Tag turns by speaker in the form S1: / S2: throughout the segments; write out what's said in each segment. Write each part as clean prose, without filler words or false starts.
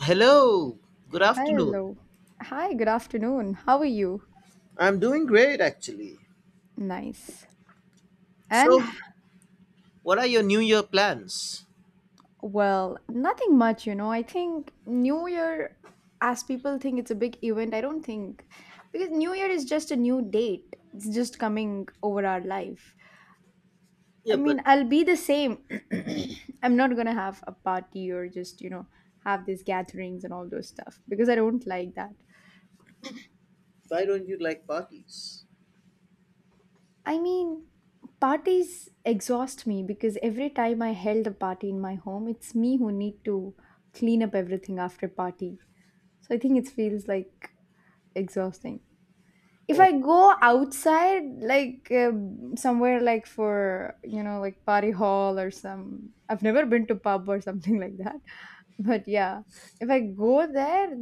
S1: Hello, good afternoon.
S2: Hello. Hi, good afternoon. How are you?
S1: I'm doing great actually.
S2: Nice.
S1: So,
S2: And
S1: what are your New Year plans?
S2: well, nothing much. I think New Year, as people think it's a big event, I don't think, because New Year is just a new date. It's just coming over our life. I
S1: Yeah, but
S2: mean, I'll be the same. I'm not gonna have a party or just, have these gatherings and all those stuff because I don't like that.
S1: why don't you like parties?
S2: I mean, parties exhaust me because every time I held a party in my home, it's me who need to clean up everything after party. So I think it feels like exhausting. If I
S1: Oh,
S2: go outside, like somewhere like for, like party hall or some, I've never been to pub or something like that. But yeah, if I go there,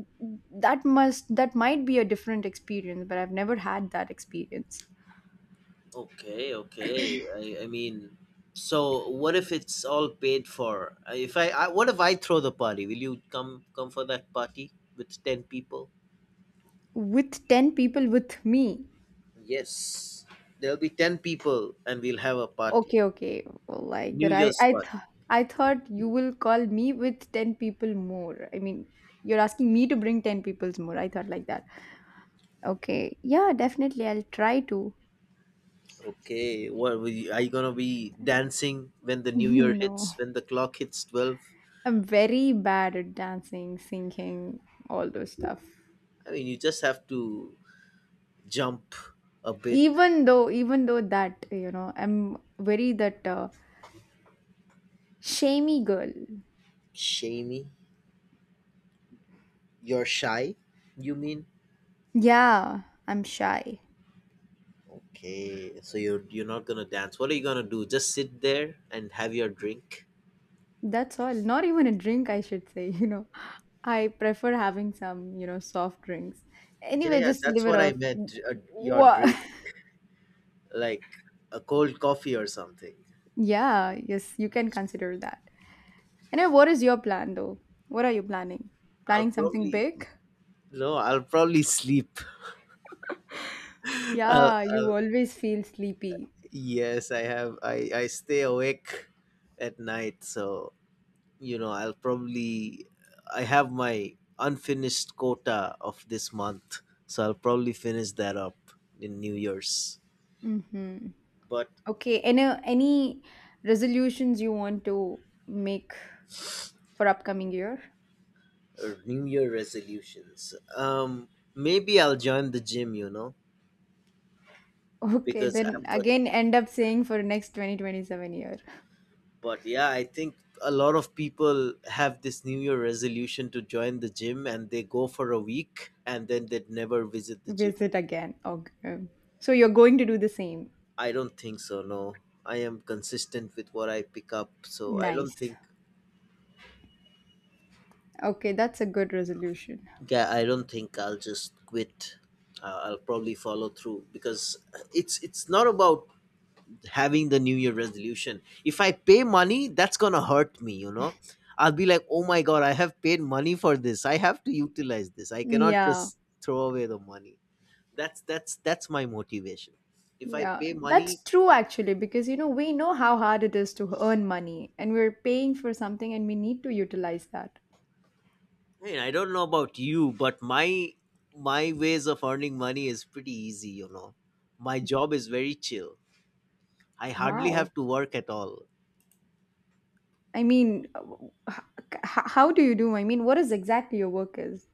S2: that might be a different experience, but I've never had that experience
S1: okay, okay. I mean, so what if it's all paid for? If I what if I throw the party? Will you come for that party with 10 people?
S2: with 10 people with me.
S1: Yes. There'll be 10 people and we'll have a party.
S2: Okay, okay. Like
S1: New
S2: that.
S1: Year's party.
S2: I thought you will call me with 10 people more. I mean, you're asking me to bring 10 peoples more. I thought like that. Okay. Yeah, definitely I'll try to.
S1: Okay, are you gonna be dancing when the new year
S2: No.
S1: hits? When the clock hits 12?
S2: I'm very bad at dancing, singing, all those stuff.
S1: I mean, you just have to jump a bit,
S2: Even though that, I'm very that shamey girl.
S1: shamey. You're shy, you mean?
S2: Yeah, I'm shy.
S1: Okay, so you're not gonna dance. What are you gonna do? Just sit there and have your drink?
S2: That's all. Not even a drink, I should say, you know. I prefer having some, soft drinks.
S1: Yeah,
S2: Anyway,
S1: yeah,
S2: just leave
S1: that's
S2: it
S1: what I
S2: off.
S1: meant. A, your
S2: What?
S1: drink, like a cold coffee or something.
S2: Yeah, yes, you can consider that. Anyway, what is your plan though? What are you planning?
S1: I'll
S2: Planning something
S1: probably
S2: big?
S1: no, I'll probably sleep.
S2: Yeah, you always feel sleepy.
S1: Yes, I stay awake at night, so you know I have my unfinished quota of this month, so I'll probably finish that up in New Year's.
S2: Mm-hmm.
S1: But
S2: Okay, any resolutions you want to make for upcoming year?
S1: New Year resolutions. Maybe I'll join the gym. You know,
S2: Okay,
S1: because
S2: then
S1: I,
S2: again end up saying for next 2027 year.
S1: but yeah, I think a lot of people have this New Year resolution to join the gym, and they go for a week, and then they never visit the gym.
S2: Visit again. Okay. So you're going to do the same.
S1: I don't think so. No, I am consistent with what I pick up, so I don't
S2: Nice.
S1: think.
S2: Okay, that's a good resolution.
S1: Yeah, I don't think I'll just quit. I'll probably follow through because it's not about having the New Year resolution. If I pay money, that's gonna hurt me. You know, I'll be like, oh my god, I have paid money for this. I have to utilize this. I cannot
S2: Yeah.
S1: just throw away the money. That's my motivation. If I
S2: Yeah.
S1: pay money,
S2: That's true actually, because we know how hard it is to earn money and we're paying for something and we need to utilize that.
S1: mean, I don't know about you, but my ways of earning money is pretty easy, you know. My job is very chill. I hardly
S2: Wow.
S1: have to work at all.
S2: I mean, how do you do? I mean, what is exactly your work is?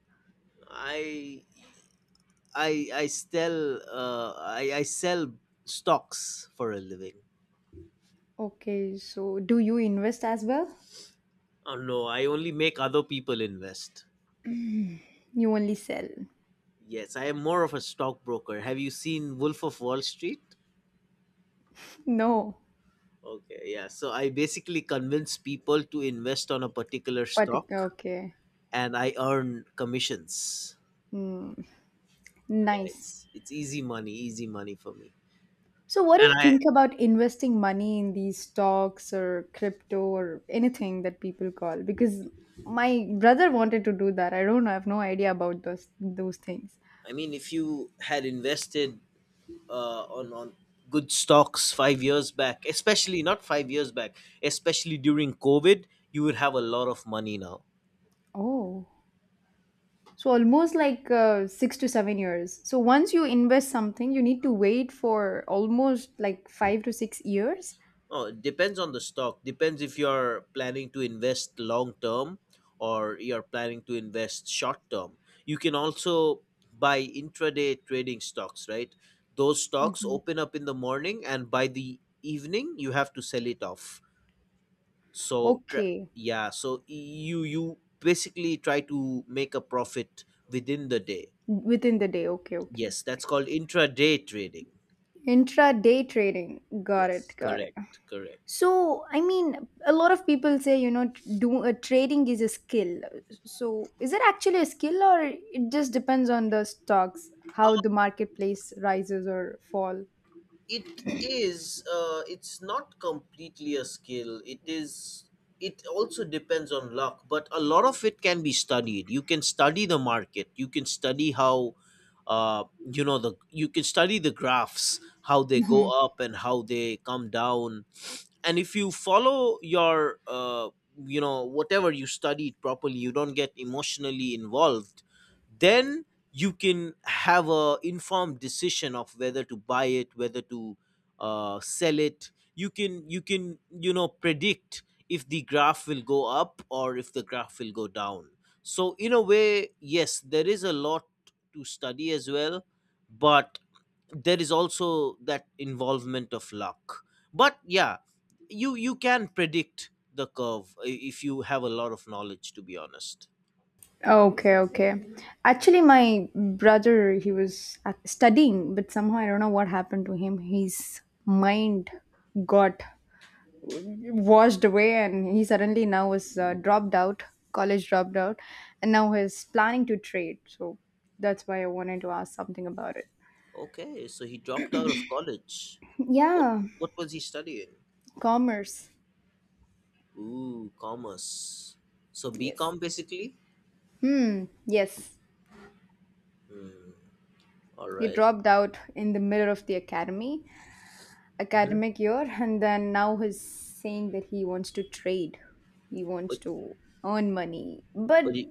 S1: I I sell stocks for a living.
S2: Okay, so do you invest as well?
S1: Oh no, I only make other people invest.
S2: You only sell.
S1: Yes, I am more of a stockbroker. Have you seen Wolf of Wall Street?
S2: No.
S1: Okay, yeah. So I basically convince people to invest on a particular
S2: Particular.
S1: stock
S2: Okay.
S1: and I earn commissions.
S2: Hmm.
S1: Yeah,
S2: Nice.
S1: it's easy money, easy money for me.
S2: So, what do
S1: And
S2: you think about investing money in these stocks or crypto or anything that people call? Because my brother wanted to do that. I don't know. I have no idea about those things.
S1: I mean, if you had invested on good stocks 5 years back, especially not 5 years back, especially during covid, you would have a lot of money now.
S2: Oh, so almost like 6 to 7 years. So once you invest something, you need to wait for almost like 5 to 6 years.
S1: Oh, it depends on the stock, depends if you're planning to invest long term or you're planning to invest short term. You can also buy intraday trading stocks, right? Those stocks
S2: Hmm.
S1: open up in the morning, and by the evening you have to sell it off.
S2: Okay,
S1: Yeah, so you basically try to make a profit within the day.
S2: within the day. Okay, okay.
S1: Yes, that's called intraday trading.
S2: Intraday trading. Got it.
S1: yes
S2: Got it.
S1: correct correct
S2: So, I mean, a lot of people say, you know, t- do trading is a skill. So, is it actually a skill, or it just depends on the stocks, how the marketplace rises or fall?
S1: It is it's not completely a skill. It is, it also depends on luck, but a lot of it can be studied. You can study the market, you can study how uh, you know the you can study the graphs, how they go
S2: Mhm.
S1: up and how they come down. And if you follow your you know, whatever you studied properly, you don't get emotionally involved, then you can have a informed decision of whether to buy it, whether to sell it. You can you know predict if the graph will go up or if the graph will go down. So in a way, yes, there is a lot to study as well, but there is also that involvement of luck. But yeah, you can predict the curve if you have a lot of knowledge, to be honest.
S2: Okay, okay. Actually, my brother, he was studying, but somehow I don't know what happened to him. His mind got washed away, and he suddenly now is dropped out, college dropped out, and now he's planning to trade, so that's why I wanted to ask something about it.
S1: Okay, so he dropped out of college. What
S2: yeah
S1: was he studying?
S2: commerce
S1: Ooh, commerce. So bcom
S2: yes
S1: basically.
S2: yes
S1: Hmm, all
S2: he
S1: right.
S2: dropped out in the middle of the academy
S1: Mm-hmm.
S2: academic year, and then now he's saying that he wants to trade. He wants
S1: but
S2: to earn money, but
S1: but he,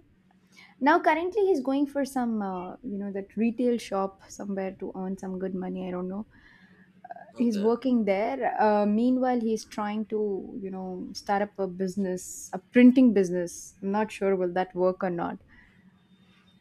S2: now currently he's going for some you know, that retail shop somewhere to earn some good money, I don't know. He's
S1: okay.
S2: working there, meanwhile he's trying to, start up a business, a printing business. I'm not sure will that work or not.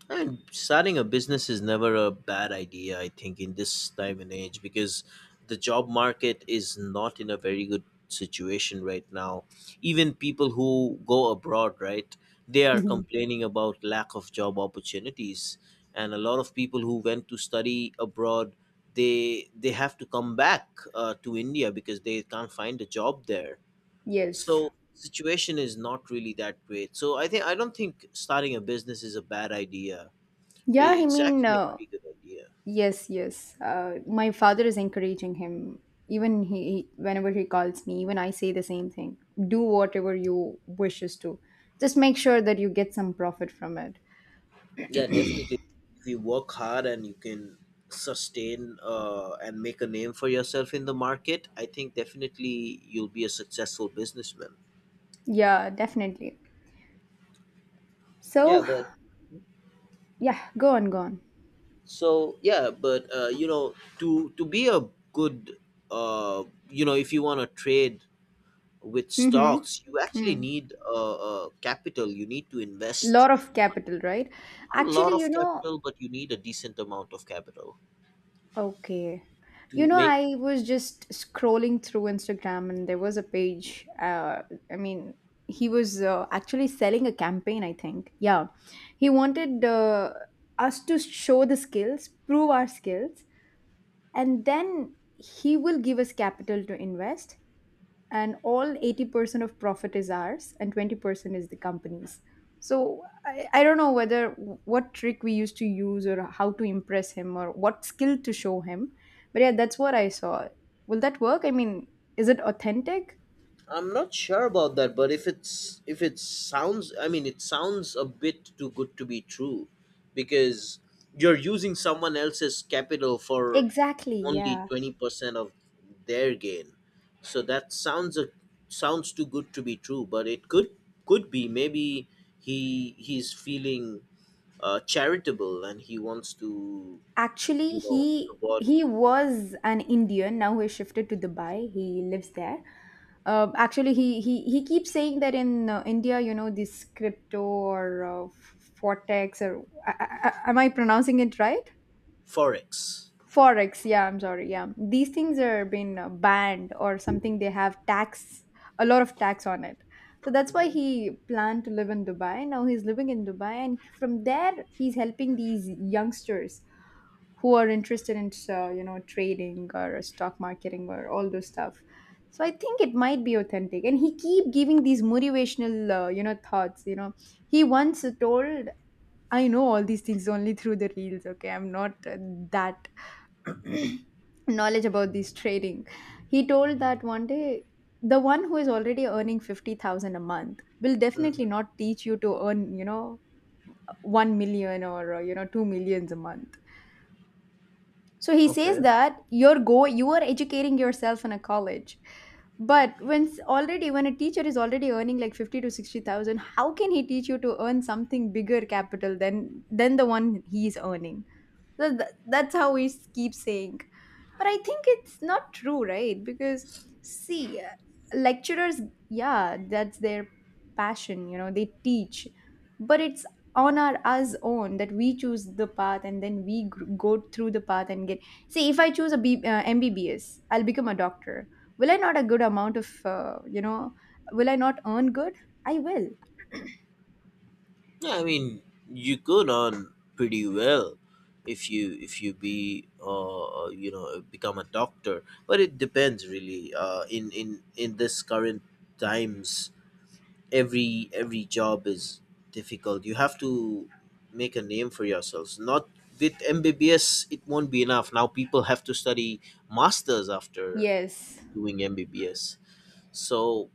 S1: And starting a business is never a bad idea, I think, in this time and age, because the job market is not in a very good situation right now. Even people who go abroad, right, they are
S2: Mhm.
S1: complaining about lack of job opportunities. And a lot of people who went to study abroad, they have to come back to India because they can't find a job there.
S2: yes
S1: So situation is not really that great. So I think I don't think starting a business is a bad idea.
S2: yeah
S1: It-
S2: i
S1: It's
S2: mean,
S1: actually a pretty good idea.
S2: yes, yes, my father is encouraging him. Even he, whenever he calls me, even I say the same thing: do whatever you wishes to, just make sure that you get some profit from it.
S1: Yeah, definitely. If you work hard and you can sustain and make a name for yourself in the market, I think definitely you'll be a successful businessman.
S2: Yeah, definitely.
S1: Yeah,
S2: So
S1: but
S2: yeah, go on, go on.
S1: so yeah, but you know, to be a good, uh, you know, if you want to trade with
S2: Mm-hmm.
S1: stocks, you actually
S2: Mm.
S1: need capital. You need to invest
S2: Lot of capital, right?
S1: not a lot
S2: Actually, you
S1: of
S2: know
S1: capital, but you need a decent amount of capital
S2: okay you
S1: to
S2: know
S1: make.
S2: i was just scrolling through Instagram, and there was a page, I mean, he was, actually selling a campaign, I think. Yeah, he wanted us to show the skills, prove our skills, and then he will give us capital to invest, and all 80% of profit is ours and 20% is the company's. So I don't know whether what trick we used to use, or how to impress him, or what skill to show him, but yeah, that's what I saw. Will that work, I mean, is it authentic?
S1: I'm not sure about that, but if it sounds, I mean, it sounds a bit too good to be true, because you're using someone else's capital for
S2: Exactly,
S1: only
S2: yeah.
S1: 20% of their gain. So that sounds a sounds too good to be true, but it could be maybe he's feeling charitable and he wants to
S2: Actually,
S1: you know
S2: he
S1: reward
S2: he was an Indian, now he shifted to Dubai, he lives there. Actually, he keeps saying that in India, this crypto or forex, or am I pronouncing it right?
S1: forex.
S2: Forex. Yeah, I'm sorry. Yeah, these things are being banned or something, they have tax, a lot of tax on it. So that's why
S1: Hmm.
S2: he planned to live in Dubai, now he's living in Dubai, and from there he's helping these youngsters who are interested in trading or stock marketing or all those stuff. So I think it might be authentic, and he keep giving these motivational thoughts. He once told, I know all these things only through the reels. Okay, I'm not, that knowledge about this trading. He told that one day the one who is already earning 50,000 a month will definitely
S1: Hmm.
S2: not teach you to earn, 1 million, or 2 millions a month. So he says
S1: Okay.
S2: that you are educating yourself in a college. But when already when a teacher is already earning like 50 to 60,000, how can he teach you to earn something bigger capital than the one he is earning? So that's how we keep saying. But I think it's not true, right? Because, see, lecturers, yeah, that's their passion, they teach. But it's on our us own that we choose the path, and then we go through the path and get. See, if I choose a MBBS, I'll become a doctor. Will I not a good amount of, will I not earn good? I will.
S1: Yeah, I mean, you could earn pretty well if you be you know become a doctor, but it depends really. In this current times, every job is difficult. You have to make a name for yourselves. Not with MBBS, it won't be enough. Now people have to study masters after
S2: Yes.
S1: doing MBBS. So,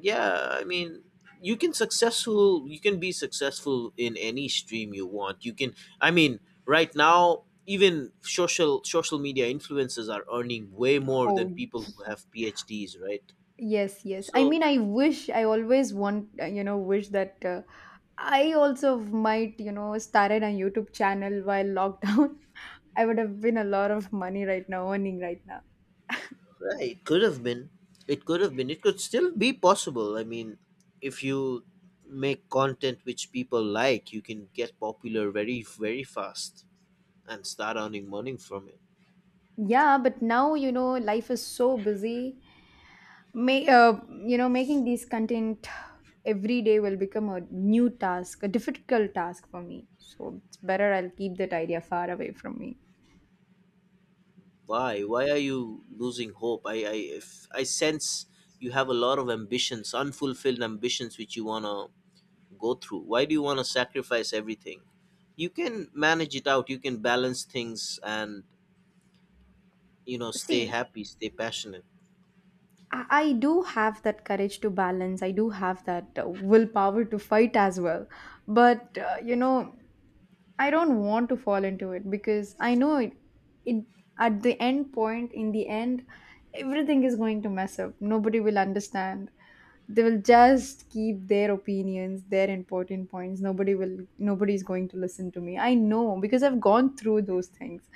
S1: yeah, I mean, you can be successful in any stream you want. You can I mean, right now even social media influencers are earning way more
S2: Oh
S1: than people who have PhDs, right?
S2: Yes, yes. I
S1: So,
S2: mean, I wish, I always want, wish that I also might, started a YouTube channel while lockdown. I would have been a lot of money right now, earning right now.
S1: yeah, it could have been, it could still be possible. I mean, if you make content which people like, you can get popular very very fast and start earning money from it.
S2: Yeah, but now, life is so busy. May, uh, making these content every day will become a new task, a difficult task for me. So it's better I'll keep that idea far away from me.
S1: Why? Why are you losing hope? If I sense you have a lot of ambitions, unfulfilled ambitions, which you want to go through. Why do you want to sacrifice everything? You can manage it out. You can balance things and, you know, stay
S2: See,
S1: happy, stay passionate.
S2: I do have that courage to balance. I do have that willpower to fight as well. But, I don't want to fall into it, because I know it at the end point, in the end, everything is going to mess up. Nobody will understand. They will just keep their opinions, their important points. Nobody is going to listen to me. I know because I've gone through those things.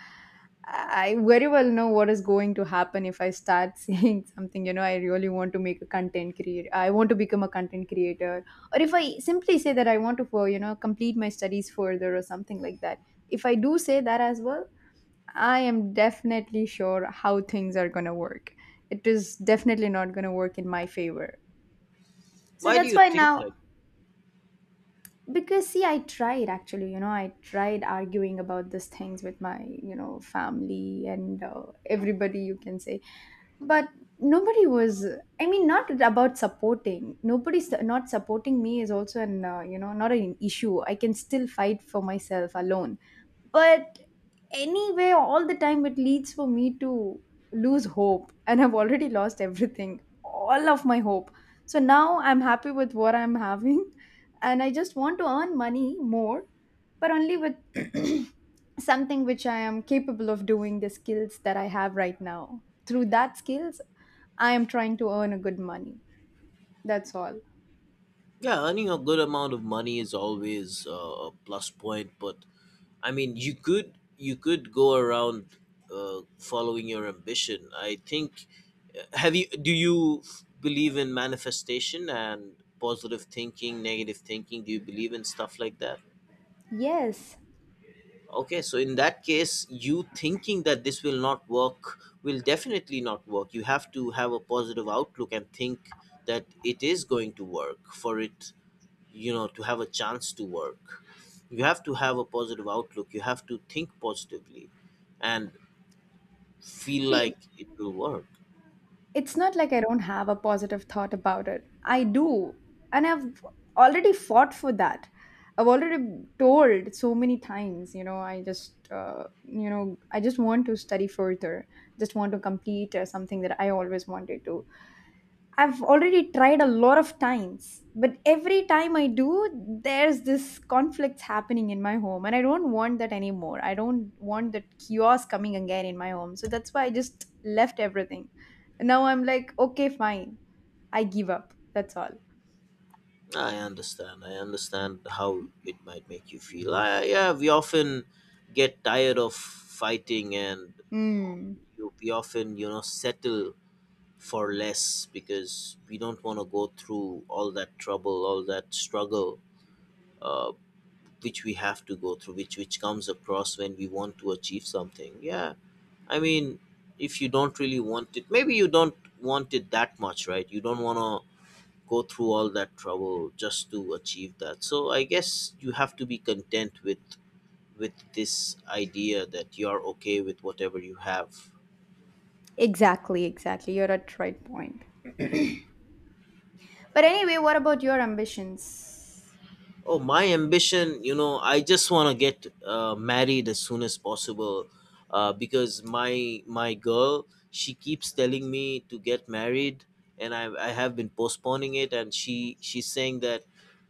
S2: I very well know what is going to happen if I start saying something, I really want to make a content creator. I want to become a content creator, or if I simply say that I want to, for complete my studies further or something like that, if I do say that as well, I am definitely sure how things are going to work. It is definitely not going to work in my favor. So
S1: Why do
S2: that's
S1: you
S2: why
S1: think
S2: now,
S1: like?
S2: because see, I tried actually you know I tried arguing about these things with my family, and everybody, you can say, but nobody was, I mean, not about supporting, nobody's not supporting me is also an not an issue, I can still fight for myself alone. But anyway, all the time it leads for me to lose hope, and I've already lost everything, all of my hope. So now I'm happy with what I'm having, and I just want to earn money more, but only with something which I am capable of doing, the skills that I have right now. Through that skills, I am trying to earn a good money. That's all.
S1: Yeah, earning a good amount of money is always a plus point, but I mean, you could go around following your ambition, I think. Have you? Do you believe in manifestation and positive thinking, negative thinking? Do you believe in stuff like that?
S2: Yes.
S1: Okay, so in that case, you thinking that this will not work will definitely not work. You have to have a positive outlook and think that it is going to work. For it, you know, to have a chance to work, you have to have a positive outlook, you have to think positively and feel
S2: See,
S1: like it will work.
S2: it's not like I don't have a positive thought about it. I do. And I've already fought for that. I've already told so many times, I just want to study further, just want to complete something that I always wanted to. I've already tried a lot of times, but every time I do, there's this conflict happening in my home, and I don't want that anymore. I don't want that chaos coming again in my home. So that's why I just left everything. Now I'm like, okay, fine. I give up. That's all.
S1: I understand how it might make you feel. Yeah, we often get tired of fighting and
S2: Mm,
S1: we often you know settle for less because we don't want to go through all that trouble, all that struggle uh, which we have to go through, which comes across when we want to achieve something. Yeah, I mean, if you don't really want it, maybe you don't want it that much, right? You don't want to go through all that trouble just to achieve that. So I guess you have to be content with this idea that you are okay with whatever you have.
S2: exactly, exactly. You're at right point. But anyway, what about your ambitions?
S1: Oh, my ambition, you know, I just want to get married as soon as possible, because my girl, she keeps telling me to get married, and I have been postponing it, and she's saying that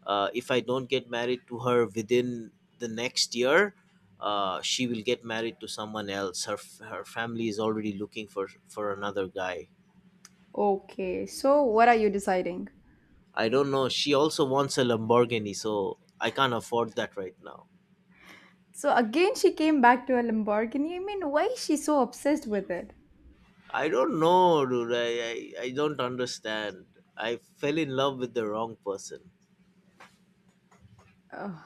S1: if I don't get married to her within the next year, she will get married to someone else. Her family is already looking for another guy.
S2: Okay, so what are you deciding?
S1: I don't know. She also wants a Lamborghini, so I can't afford that right now.
S2: So again, she came back to a Lamborghini. I mean, why is she so obsessed with it?
S1: I don't understand. I fell in love with the wrong person.
S2: Ugh,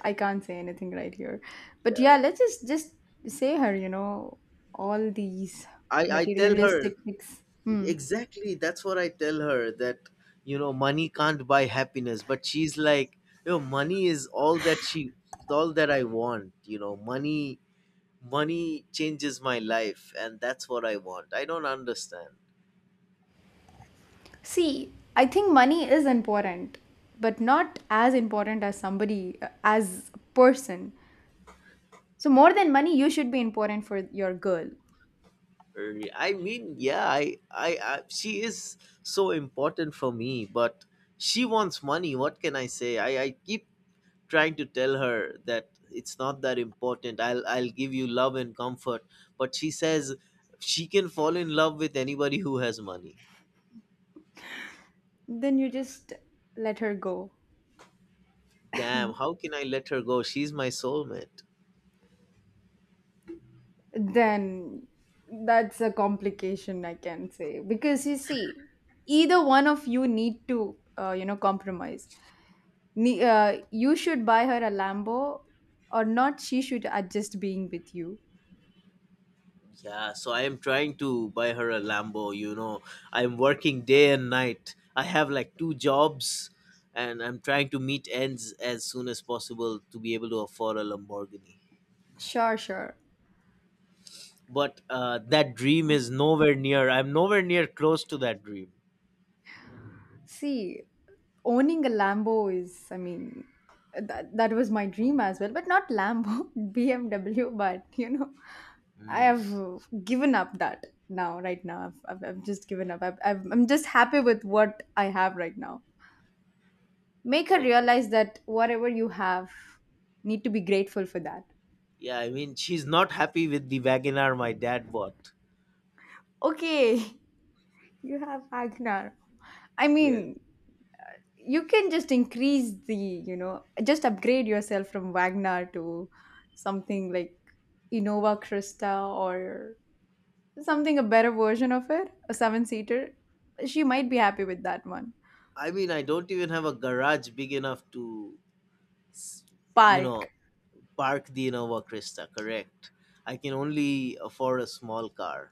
S2: I can't say anything right here. But yeah, let's just say her. You know, all these
S1: I tell her,
S2: materialistic things. Hmm.
S1: exactly that's what I tell her, that you know money can't buy happiness, but she's like, you know money is all that she all that I want. You know, money changes my life and that's what I want. I don't understand.
S2: See, I think money is important, but not as important as somebody as a person. So more than money, you should be important for your girl.
S1: I mean, yeah, she is so important for me, but she wants money. What can I say? I keep trying to tell her that it's not that important. I'll give you love and comfort, but she says she can fall in love with anybody who has money.
S2: Then you just let her go.
S1: Damn, how can I let her go? She's my soulmate.
S2: Then that's a complication, I can say, because you see, either one of you need to compromise. You should buy her a Lambo, or not, she should adjust being with you.
S1: Yeah, so I am trying to buy her a Lambo, you know. I'm working day and night. I have like two jobs and I'm trying to meet ends as soon as possible to be able to afford a Lamborghini.
S2: Sure, sure.
S1: But that dream is nowhere near. I'm nowhere near close to that dream.
S2: See, owning a Lambo is, I mean, that was my dream as well, but not Lambo, BMW, but you know. I
S1: Hmm.
S2: have given up that now, right now. I've just given up. I'm just happy with what I have right now. Make her
S1: Okay.
S2: realize that whatever you have, need to be grateful for that.
S1: Yeah, I mean, she's not happy with the Wagoner my dad bought.
S2: Okay, you have Agnar. I
S1: Yeah.
S2: mean, you can just increase just upgrade yourself from Wagner to something like Innova Krista, or something a better version of it, a seven seater. She might be happy with that one.
S1: I mean, I don't even have a garage big enough to, s- you know,
S2: Park.
S1: park the Nuova Crista, correct. I can only afford a small car.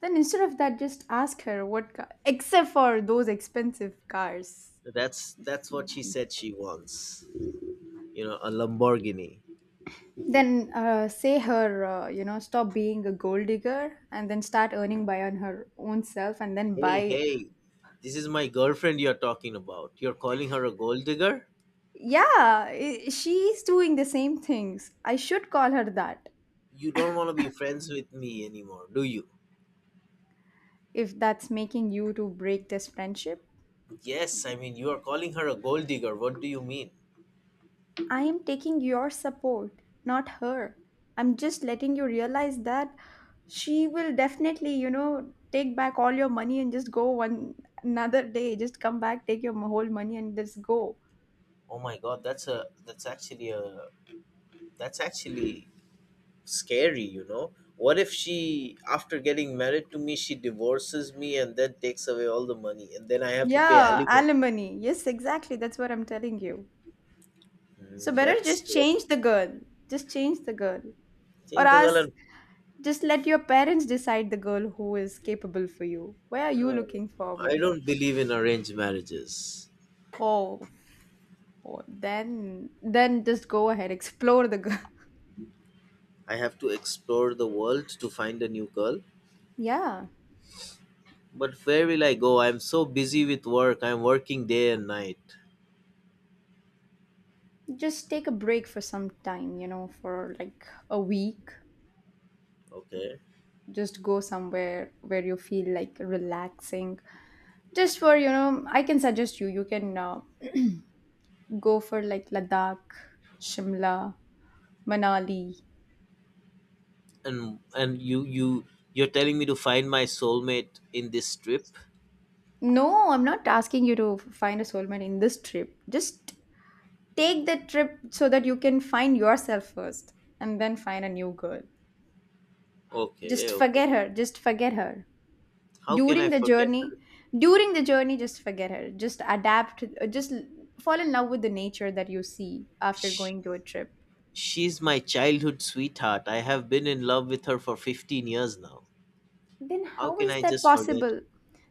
S2: Then instead of that, just ask her what car, except for those expensive cars.
S1: That's what she said she wants. You know, a Lamborghini.
S2: Then say her, stop being a gold digger and then start earning by on her own self and then
S1: Hey,
S2: buy.
S1: hey, this is my girlfriend you're talking about. You're calling her a gold digger?
S2: Yeah, she's doing the same things. I should call her that
S1: You don't want to be friends with me anymore, do you?
S2: if that's making you to break this friendship.
S1: Yes, I mean you are calling her a gold digger. What do you mean?
S2: I am taking your support, not her. I'm just letting you realize that she will definitely, take back all your money and just go one another day. Just come back, take your whole money and just go.
S1: Oh my god, that's a that's actually scary, you know. What if she, after getting married to me, she divorces me and then takes away all the money, and then I have to pay
S2: Yeah,
S1: alimony?
S2: alimony. Yes, exactly. That's what I'm telling you. So
S1: Mm,
S2: better
S1: that's
S2: just
S1: scary.
S2: change the girl. Just change the girl. Or ask,
S1: Chintagalan,
S2: just let your parents decide the girl who is capable for you. Where are you
S1: no,
S2: looking
S1: I
S2: forward?
S1: don't believe in arranged marriages.
S2: Oh. Oh, then just go ahead explore
S1: I have to explore the world to find a new girl.
S2: yeah,
S1: But where will I go? I'm so busy with work. I'm working day and night.
S2: just take a break for some time, for like a week.
S1: Okay,
S2: Just go somewhere where you feel like relaxing, just for, I can suggest you can go for like Ladakh, Shimla, Manali.
S1: and you're telling me to find my soulmate in this trip.
S2: No, I'm not asking you to find a soulmate in this trip. Just take the trip so that you can find yourself first and then find a new girl.
S1: Okay,
S2: Just
S1: okay.
S2: forget her. Just forget her.
S1: How can I
S2: During the
S1: forget
S2: journey, during the journey, just forget her. Just adapt, fall in love with the nature that you see after
S1: her?
S2: going to a trip.
S1: She's my childhood sweetheart. I have been in love with her for 15 years now.
S2: Then
S1: How
S2: how
S1: can
S2: is
S1: I
S2: that
S1: just forget?
S2: possible?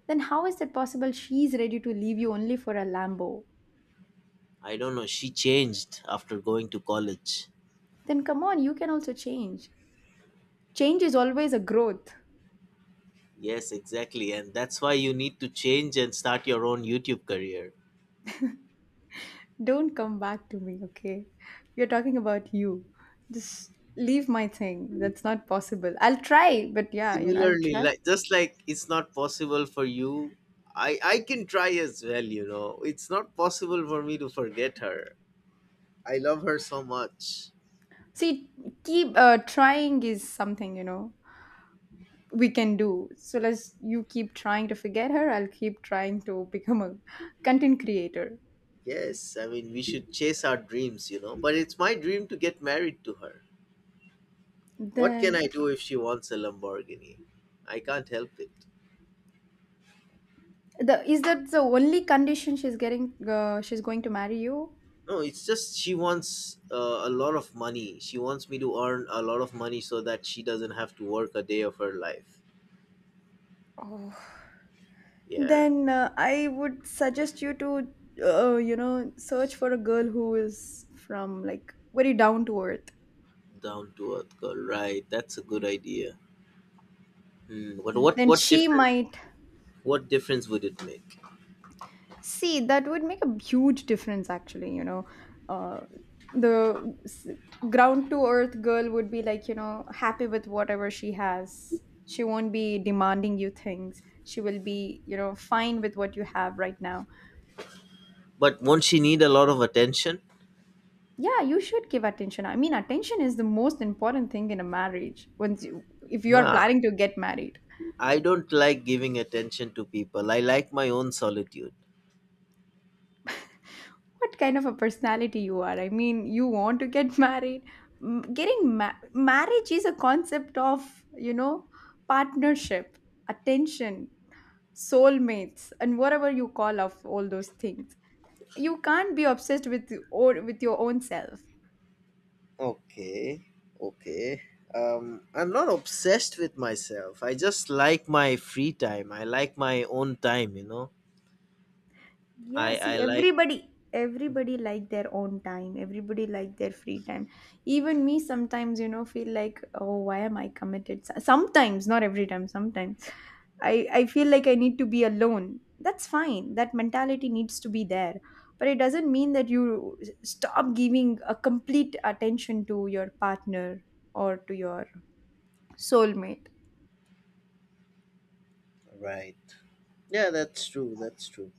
S2: Then how is that possible? She's ready to leave you only for a Lambo.
S1: I don't know. She changed after going to college.
S2: Then come on, you can also change. Change is always a growth.
S1: Yes, exactly. And that's why you need to change and start your own YouTube career.
S2: Don't come back to me, okay? We're talking about you. Just leave my thing. That's not possible. I'll try, but yeah, I'll
S1: Similarly,
S2: try.
S1: like just like it's not possible for you, I can try as well, you know. It's not possible for me to forget her. I love her so much.
S2: See, keep trying is something, we can do. So let's you keep trying to forget her. I'll keep trying to become a content creator.
S1: Yes, I mean we should chase our dreams, you know. But it's my dream to get married to her. What can
S2: Then
S1: I do if she wants a Lamborghini? I can't help it.
S2: the is that the only condition she's getting? She's going to marry you.
S1: No, it's just she wants a lot of money. She wants me to earn a lot of money so that she doesn't have to work a day of her life.
S2: Oh.
S1: Yeah,
S2: Then, I would suggest you to search for a girl who is from like very down to earth.
S1: down to earth girl. Right, that's a good idea. Hmm. But what
S2: Then
S1: what
S2: she
S1: difference
S2: might.
S1: what difference would it make?
S2: See, that would make a huge difference, actually. You know, uh, the s- ground to earth girl would be like, happy with whatever she has. She won't be demanding you things. She will be, fine with what you have right now.
S1: But won't she need a lot of attention?
S2: Yeah, you should give attention. I mean, attention is the most important thing in a marriage. Once you, if you are
S1: Nah,
S2: planning to get married.
S1: I don't like giving attention to people. I like my own solitude.
S2: What kind of a personality you are. I mean, you want to get married. Getting marriage is a concept of, you know, partnership, attention, soulmates, and whatever you call of all those things. You can't be obsessed with your own self.
S1: Okay, okay. I'm not obsessed with myself. I just like my free time. I like my own time, you know.
S2: Yeah,
S1: I I
S2: see,
S1: like
S2: everybody like their own time. Everybody like their free time. Even me sometimes, feel like, oh, why am I committed? Sometimes, not every time, sometimes. I feel like I need to be alone. That's fine. That mentality needs to be there. But it doesn't mean that you stop giving a complete attention to your partner or to your soulmate.
S1: right. Yeah, that's true. That's true.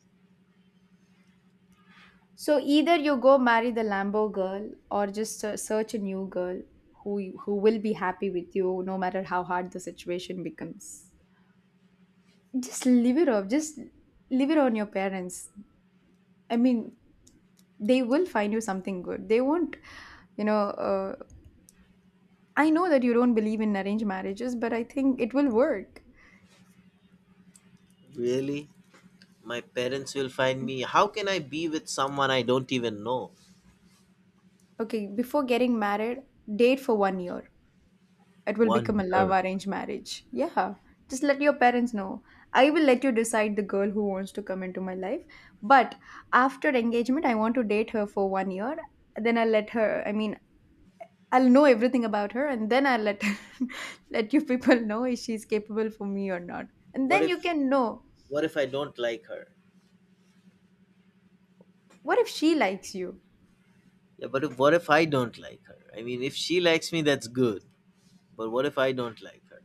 S2: So either you go marry the Lambo girl or just search a new girl who will be happy with you no matter how hard the situation becomes. Just leave it off. Just leave it on your parents. I mean, they will find you something good. They won't, you know, uh, I know that you don't believe in arranged marriages, but I think it will work.
S1: Really? My parents will find me. How can I be with someone I don't even know?
S2: Okay, before getting married, date for 1 year. It will
S1: One
S2: become a love
S1: year.
S2: arranged marriage. Yeah. Just let your parents know. I will let you decide the girl who wants to come into my life. But after engagement, I want to date her for 1 year. Then I'll let her, I mean, I'll know everything about her and then I'll let let you people know if she's capable for me or not. And
S1: What
S2: then you
S1: if
S2: can know.
S1: what if I don't like her?
S2: What if she likes you?
S1: Yeah, but if, what if I don't like her? I mean, if she likes me, that's good. But what if I don't like her?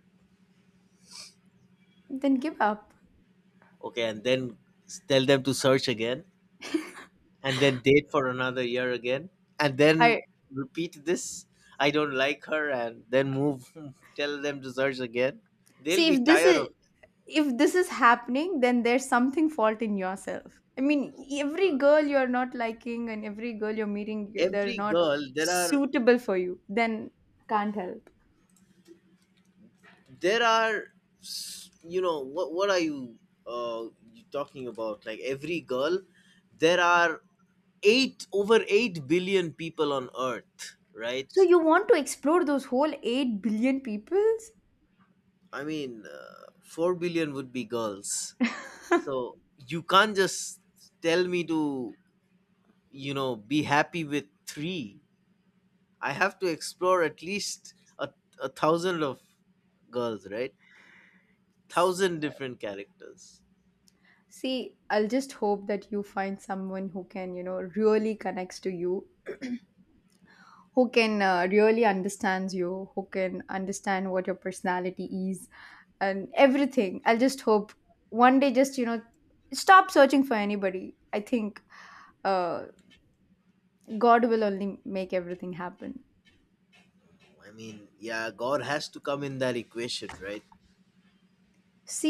S2: Then give up.
S1: Okay, and then tell them to search again? And then date for another year again and
S2: I.
S1: then repeat this. I don't like her and then move tell them to search again. They'll
S2: See,
S1: be tired of.
S2: if this is happening, then there's something fault in yourself. I mean,
S1: Oh my
S2: every
S1: god,
S2: girl you're not liking and every girl you're meeting, they're
S1: every
S2: not
S1: girl
S2: suitable for you. Then can't help.
S1: there are s- you know what are you uh you talking about like every girl, there are 8 over 8 billion people on earth,
S2: So
S1: right?
S2: you want to explore those whole 8 billion peoples?
S1: I mean, 4 billion would be girls. So you can't just tell me to, you know, be happy with three. I have to explore at least a thousand of girls, right? Thousand different characters.
S2: See, I'll just hope that you find someone who can, really connects to you, who can really understands you, who can understand what your personality is and everything. I'll just hope one day just stop searching for anybody. I think uh, God will only make everything happen.
S1: I mean, yeah, God has to come in that equation, right?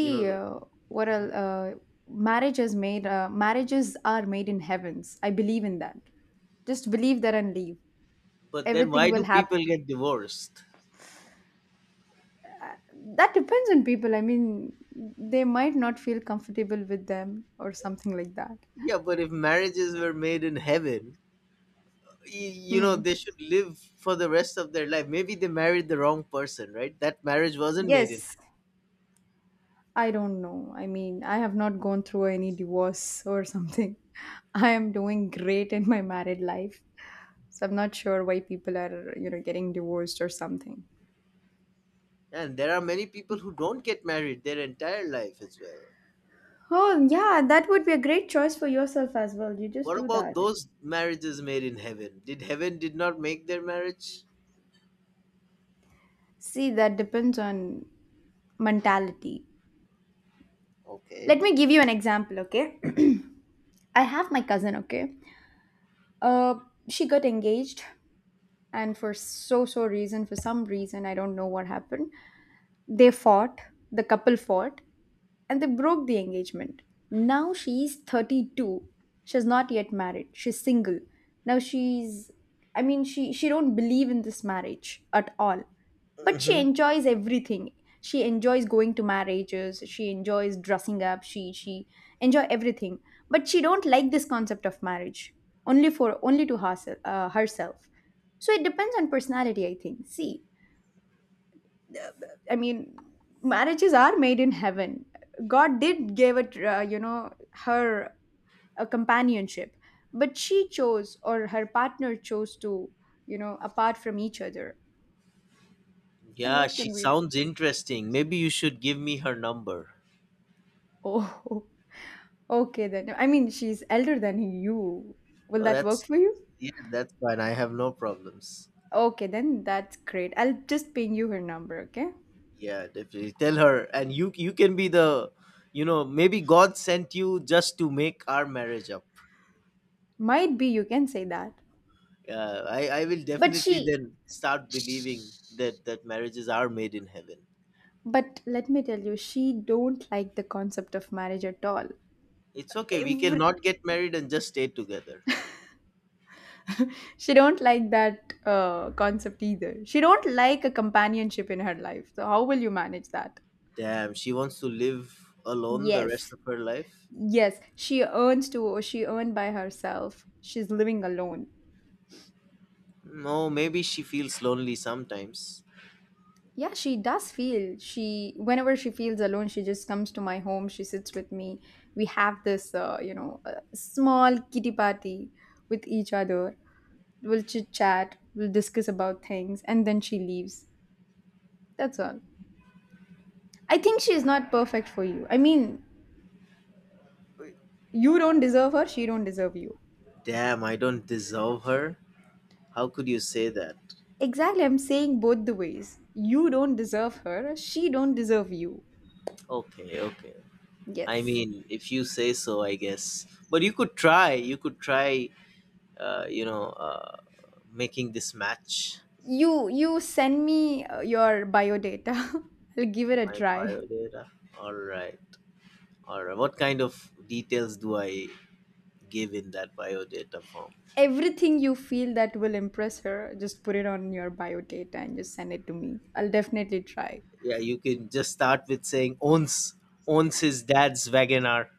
S1: You know, the-
S2: what
S1: mhm.
S2: I'll, uh, marriage is made. Marriages are made in heavens. I believe in that. Just believe that and leave.
S1: But then
S2: Everything
S1: why
S2: will
S1: do
S2: happen.
S1: people get divorced?
S2: That depends on people. I mean, they might not feel comfortable with them or something like that.
S1: Yeah, but if marriages were made in heaven, you know
S2: Hmm.
S1: they should live for the rest of their life. Maybe they married the wrong person, right? That marriage wasn't made in
S2: Yes.
S1: heaven.
S2: I don't know. I mean, I have not gone through any divorce or something. I am doing great in my married life. So I'm not sure why people are, getting divorced or something.
S1: And there are many people who don't get married their entire life as well.
S2: Oh, yeah, that would be a great choice for yourself as well. You just
S1: What
S2: do
S1: about
S2: that.
S1: those marriages made in heaven? Did heaven did not make their marriage?
S2: See, that depends on mentality. Let
S1: Okay.
S2: me give you an example, okay? I have my cousin, okay? Uh, she got engaged, and for some reason, I don't know what happened. They fought, the couple fought, and they broke the engagement. Now she's 32. She's not yet married. She's single. Now she's, I mean, she don't believe in this marriage at all. But she
S1: Hmm,
S2: enjoys everything. She enjoys going to marriages, she enjoys dressing up, she enjoy everything. But she don't like this concept of marriage. Only to herself, herself. So it depends on personality, I think. See, I mean, marriages are made in heaven. God did give it, her a companionship, but she chose or her partner chose to, apart from each other. And
S1: yeah,
S2: what
S1: she
S2: can we do?
S1: sounds interesting. Maybe you should give me her number.
S2: Oh, okay then. I mean, she's elder than you. Will
S1: Oh
S2: that work
S1: that's
S2: for you?
S1: Yeah, that's fine, I have no problems.
S2: Okay, then that's great. I'll just ping you her number, okay?
S1: Yeah, definitely. Tell her, and you can be the, you know, maybe God sent you just to make our marriage up.
S2: Might be you can say that.
S1: I will
S2: But
S1: definitely
S2: she,
S1: then start believing that marriages are made in heaven.
S2: but let me tell you, she don't like the concept of marriage at all.
S1: It's okay. We can
S2: Every,
S1: not get married and just stay together.
S2: she don't like that concept either. She don't like a companionship in her life. So how will you manage that?
S1: Damn, she wants to live alone the rest
S2: Yes.
S1: of her life.
S2: Yes, she earns to she earned by herself. She's living alone.
S1: No, maybe she feels lonely sometimes.
S2: Yeah, she does feel she whenever she feels alone, she just comes to my home. She sits with me. We have this, small kitty party with each other. We'll chit chat. We'll discuss about things, and then she leaves. That's all. I think she is not perfect for you. I mean, you don't deserve her. She don't deserve you.
S1: Damn, I don't deserve her. How could you say that?
S2: Exactly, I'm saying both the ways. You don't deserve her. She don't deserve you.
S1: Okay, okay. I
S2: Yes.
S1: mean, if you say so, I guess. But you could try. You could try. Uh, you know, uh, Making this match,
S2: You send me your bio data. I'll give it a
S1: my
S2: try.
S1: biodata. All right, all right. What kind of details do I give in that biodata form?
S2: Everything you feel that will impress her, just put it on your bio data and just send it to me. I'll definitely try.
S1: Yeah, you can just start with saying owns his dad's Wagoner.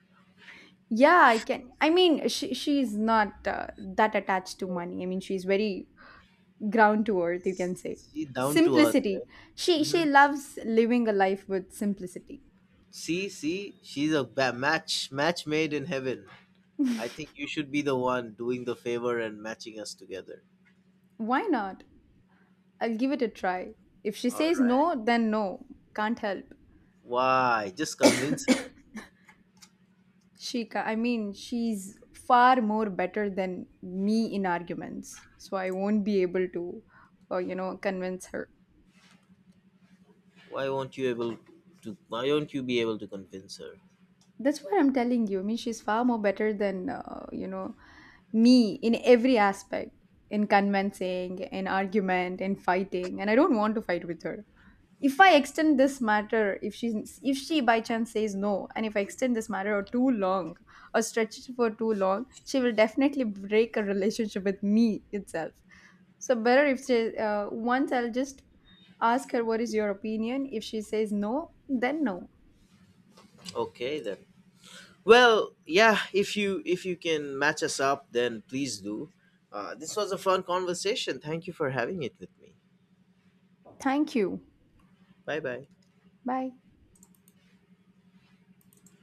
S2: Yeah, I can. I mean, she's not that attached to money. I mean, she's very ground to earth, you can say.
S1: She down to earth,
S2: Simplicity.
S1: right?
S2: she
S1: Hmm.
S2: she loves living a life with simplicity.
S1: See, she's a match made in heaven. I think you should be the one doing the favor and matching us together.
S2: Why not? I'll give it a try. If she
S1: All
S2: says
S1: right.
S2: no, then no. Can't help.
S1: Why? Just convince her.
S2: I mean, she's far more better than me in arguments, so I won't be able to convince her.
S1: Why won't you able why won't you be able to convince her?
S2: That's what I'm telling you. I mean, she's far more better than, me in every aspect, in convincing, in argument, in fighting. And I don't want to fight with her. If I extend this matter, if she by chance says no, and if I extend this matter or too long or stretch it for too long, she will definitely break a relationship with me itself. So better if she, once I'll just ask her what is your opinion. If she says no, then no.
S1: Okay then. Well, yeah, if you can match us up then please do. This was a fun conversation. Thank you for having it with me.
S2: Thank you.
S1: Bye bye.
S2: Bye.